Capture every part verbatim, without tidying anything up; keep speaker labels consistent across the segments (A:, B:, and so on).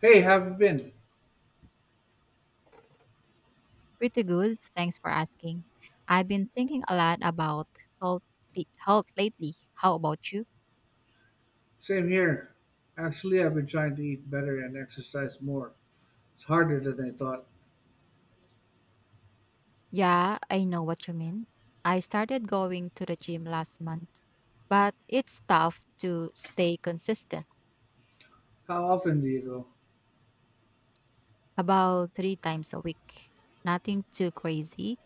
A: Hey, have you been?
B: Pretty good. Thanks for asking. I've been thinking a lot about health, health lately. How about you?
A: Same here. Actually, I've been trying to eat better and exercise more. It's harder than I thought.
B: Yeah, I know what you mean. I started going to the gym last month, but it's tough to stay consistent,
A: How often do you go?
B: about three times a week. Nothing too crazy.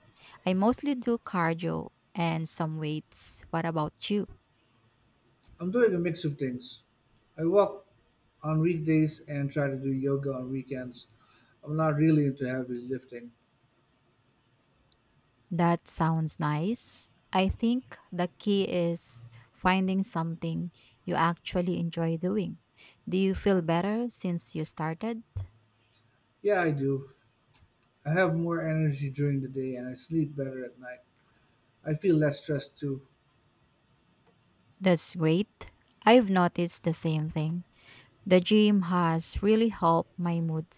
B: I mostly do cardio and some weights. What about you?
A: I'm doing a mix of things. I walk on weekdays and try to do yoga on weekends. I'm not really into heavy lifting.
B: That sounds nice. I think the key is finding something you actually enjoy doing. Do you feel better since you started?
A: Yeah, I do. I have more energy during the day and I sleep better at night. I feel less stressed too.
B: That's great. I've noticed the same thing. The gym has really helped my mood.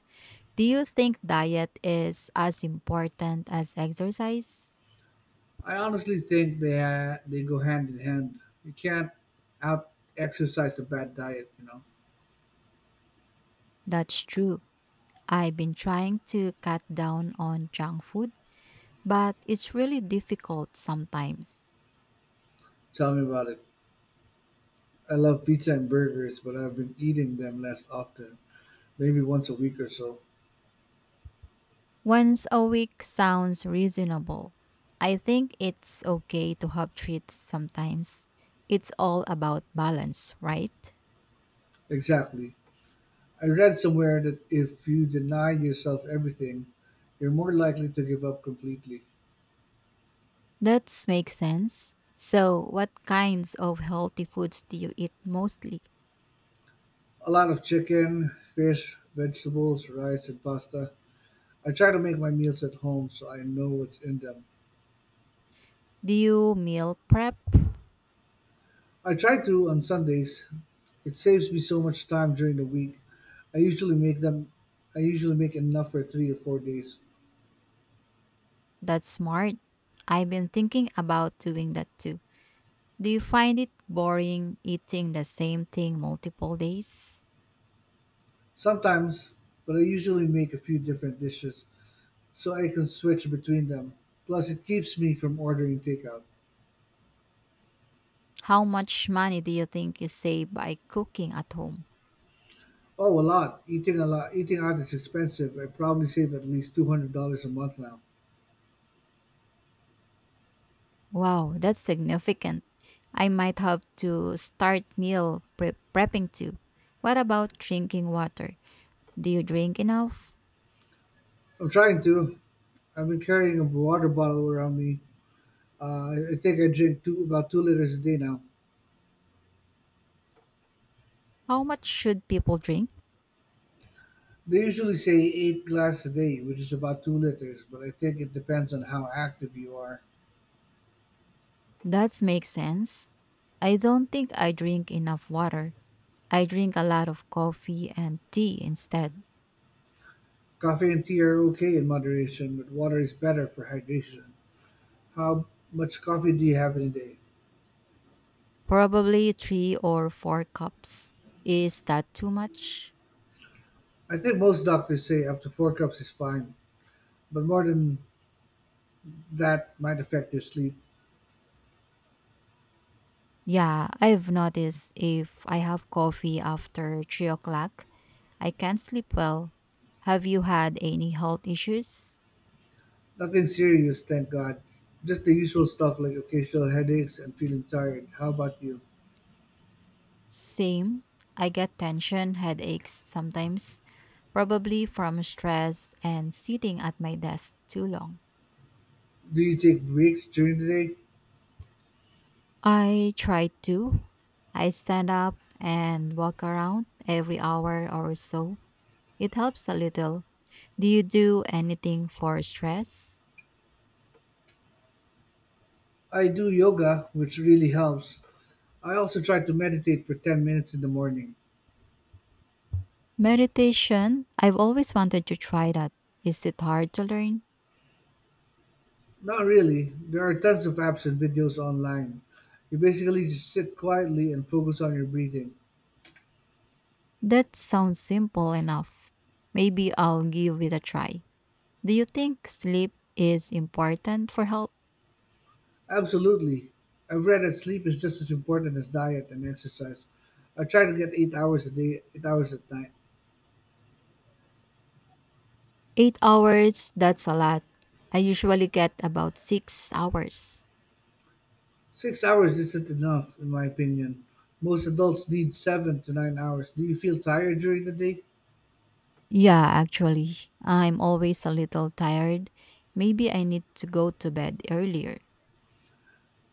B: Do you think diet is as important as exercise?
A: I honestly think they ha- they go hand in hand. You can't out exercise a bad diet, you know.
B: That's true. I've been trying to cut down on junk food, but it's really difficult sometimes.
A: Tell me about it. I love pizza and burgers, but I've been eating them less often, maybe once a week or so.
B: Once a week sounds reasonable. I think it's okay to have treats sometimes. It's all about balance, right?
A: Exactly. I read somewhere that if you deny yourself everything, you're more likely to give up completely.
B: That makes sense. So, what kinds of healthy foods do you eat mostly?
A: A lot of chicken, fish, vegetables, rice, and pasta. I try to make my meals at home so I know what's in them.
B: Do you meal prep?
A: I try to on Sundays. It saves me so much time during the week. I usually make them I usually make enough for three or four days.
B: That's smart. I've been thinking about doing that too. Do you find it boring eating the same thing multiple days?
A: Sometimes, but I usually make a few different dishes so I can switch between them. Plus, it keeps me from ordering takeout.
B: How much money do you think you save by cooking at home?
A: Oh, a lot. Eating a lot. Eating out is expensive. I probably save at least two hundred dollars a month now.
B: Wow, that's significant. I might have to start meal pre- prepping too. What about drinking water? Do you drink enough?
A: I'm trying to. I've been carrying a water bottle around me. Uh, I think I drink two, about two liters a day now.
B: How much should people drink?
A: They usually say eight glasses a day, which is about two liters, but I think it depends on how active you are.
B: That makes sense. I don't think I drink enough water. I drink a lot of coffee and tea instead.
A: Coffee and tea are okay in moderation, but water is better for hydration. How much coffee do you have in a day?
B: Probably three or four cups. Is that too much?
A: I think most doctors say up to four cups is fine, but more than that might affect your sleep.
B: Yeah, I've noticed if I have coffee after three o'clock, I can't sleep well. Have you had any health issues?
A: Nothing serious, thank God. Just the usual stuff like occasional headaches and feeling tired. How about you?
B: Same. I get tension headaches sometimes, probably from stress and sitting at my desk too long.
A: Do you take breaks during the day?
B: I try to. I stand up and walk around every hour or so. It helps a little. Do you do anything for stress?
A: I do yoga, which really helps. I also try to meditate for ten minutes in the morning.
B: Meditation. I've always wanted to try that. Is it hard to learn?
A: Not really. There are tons of apps and videos online. You basically just sit quietly and focus on your breathing.
B: That sounds simple enough. Maybe I'll give it a try. Do you think sleep is important for health?
A: Absolutely. I've read that sleep is just as important as diet and exercise. I try to get eight hours a day, eight hours at night.
B: Eight hours, that's a lot. I usually get about six hours.
A: Six hours isn't enough, in my opinion. Most adults need seven to nine hours. Do you feel tired during the day?
B: Yeah, actually, I'm always a little tired. Maybe I need to go to bed earlier,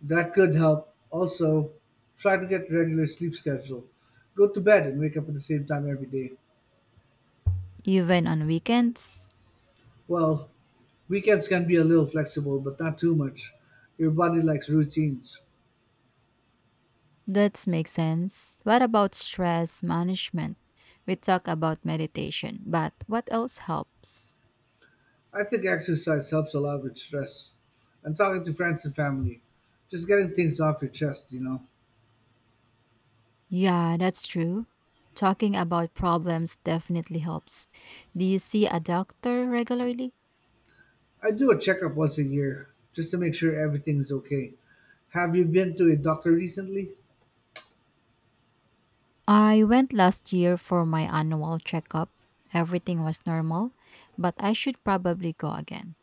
A: That could help. Also, try to get regular sleep schedule. Go to bed and wake up at the same time every day.
B: even on weekends.
A: Well, weekends can be a little flexible, but not too much. Your body likes routines.
B: That makes sense. What about stress management? We talk about meditation, but what else helps?
A: I think exercise helps a lot with stress and talking to friends and family. Just getting things off your chest, you know.
B: Yeah, that's true. Talking about problems definitely helps. Do you see a doctor regularly?
A: I do a checkup once a year just to make sure everything's okay. Have you been to a doctor recently?
B: I went last year for my annual checkup. Everything was normal, but I should probably go again.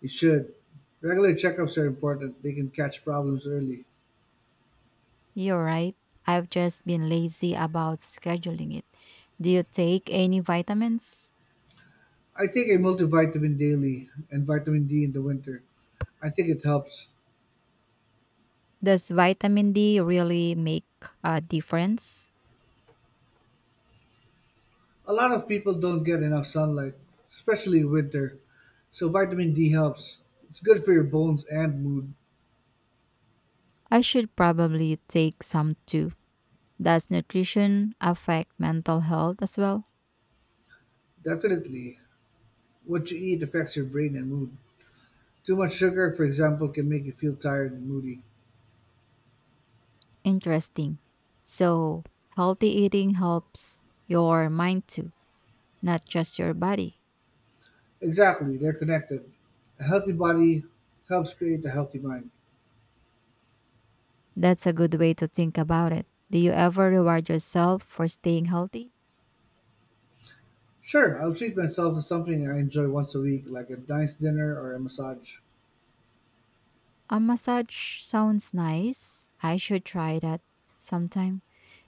A: You should. Regular checkups are important, they can catch problems early.
B: You're right. I've just been lazy about scheduling it. Do you take any vitamins?
A: I take a multivitamin daily and vitamin D in the winter. I think it helps.
B: Does vitamin D really make a difference?
A: A lot of people don't get enough sunlight, especially in winter. So vitamin D helps. It's good for your bones and mood.
B: I should probably take some too. Does nutrition affect mental health as well?
A: Definitely. What you eat affects your brain and mood. Too much sugar, for example, can make you feel tired and moody.
B: Interesting. So, healthy eating helps your mind too, not just your body.
A: Exactly, they're connected. A healthy body helps create a healthy mind.
B: That's a good way to think about it. Do you ever reward yourself for staying healthy?
A: Sure, I'll treat myself to something I enjoy once a week, like a nice dinner or a massage.
B: A massage sounds nice. I should try that sometime.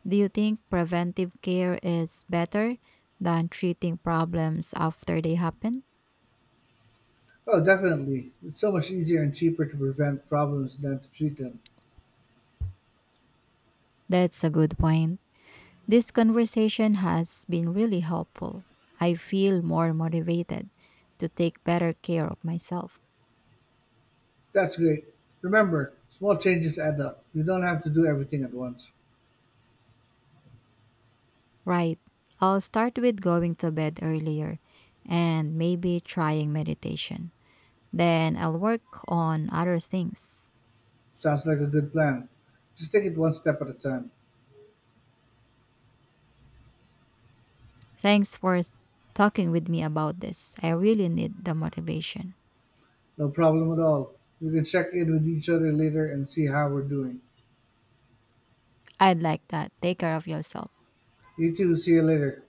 B: Do you think preventive care is better than treating problems after they happen?
A: Oh, definitely. It's so much easier and cheaper to prevent problems than to treat them.
B: That's a good point. This conversation has been really helpful. I feel more motivated to take better care of myself.
A: That's great. Remember, small changes add up. You don't have to do everything at once.
B: Right. I'll start with going to bed earlier and maybe trying meditation. Then I'll work on other things.
A: Sounds like a good plan. Just take it one step at a time.
B: Thanks for s- talking with me about this. I really need the motivation.
A: No problem at all. We can check in with each other later and see how we're doing.
B: I'd like that. Take care of yourself.
A: You too, see you later.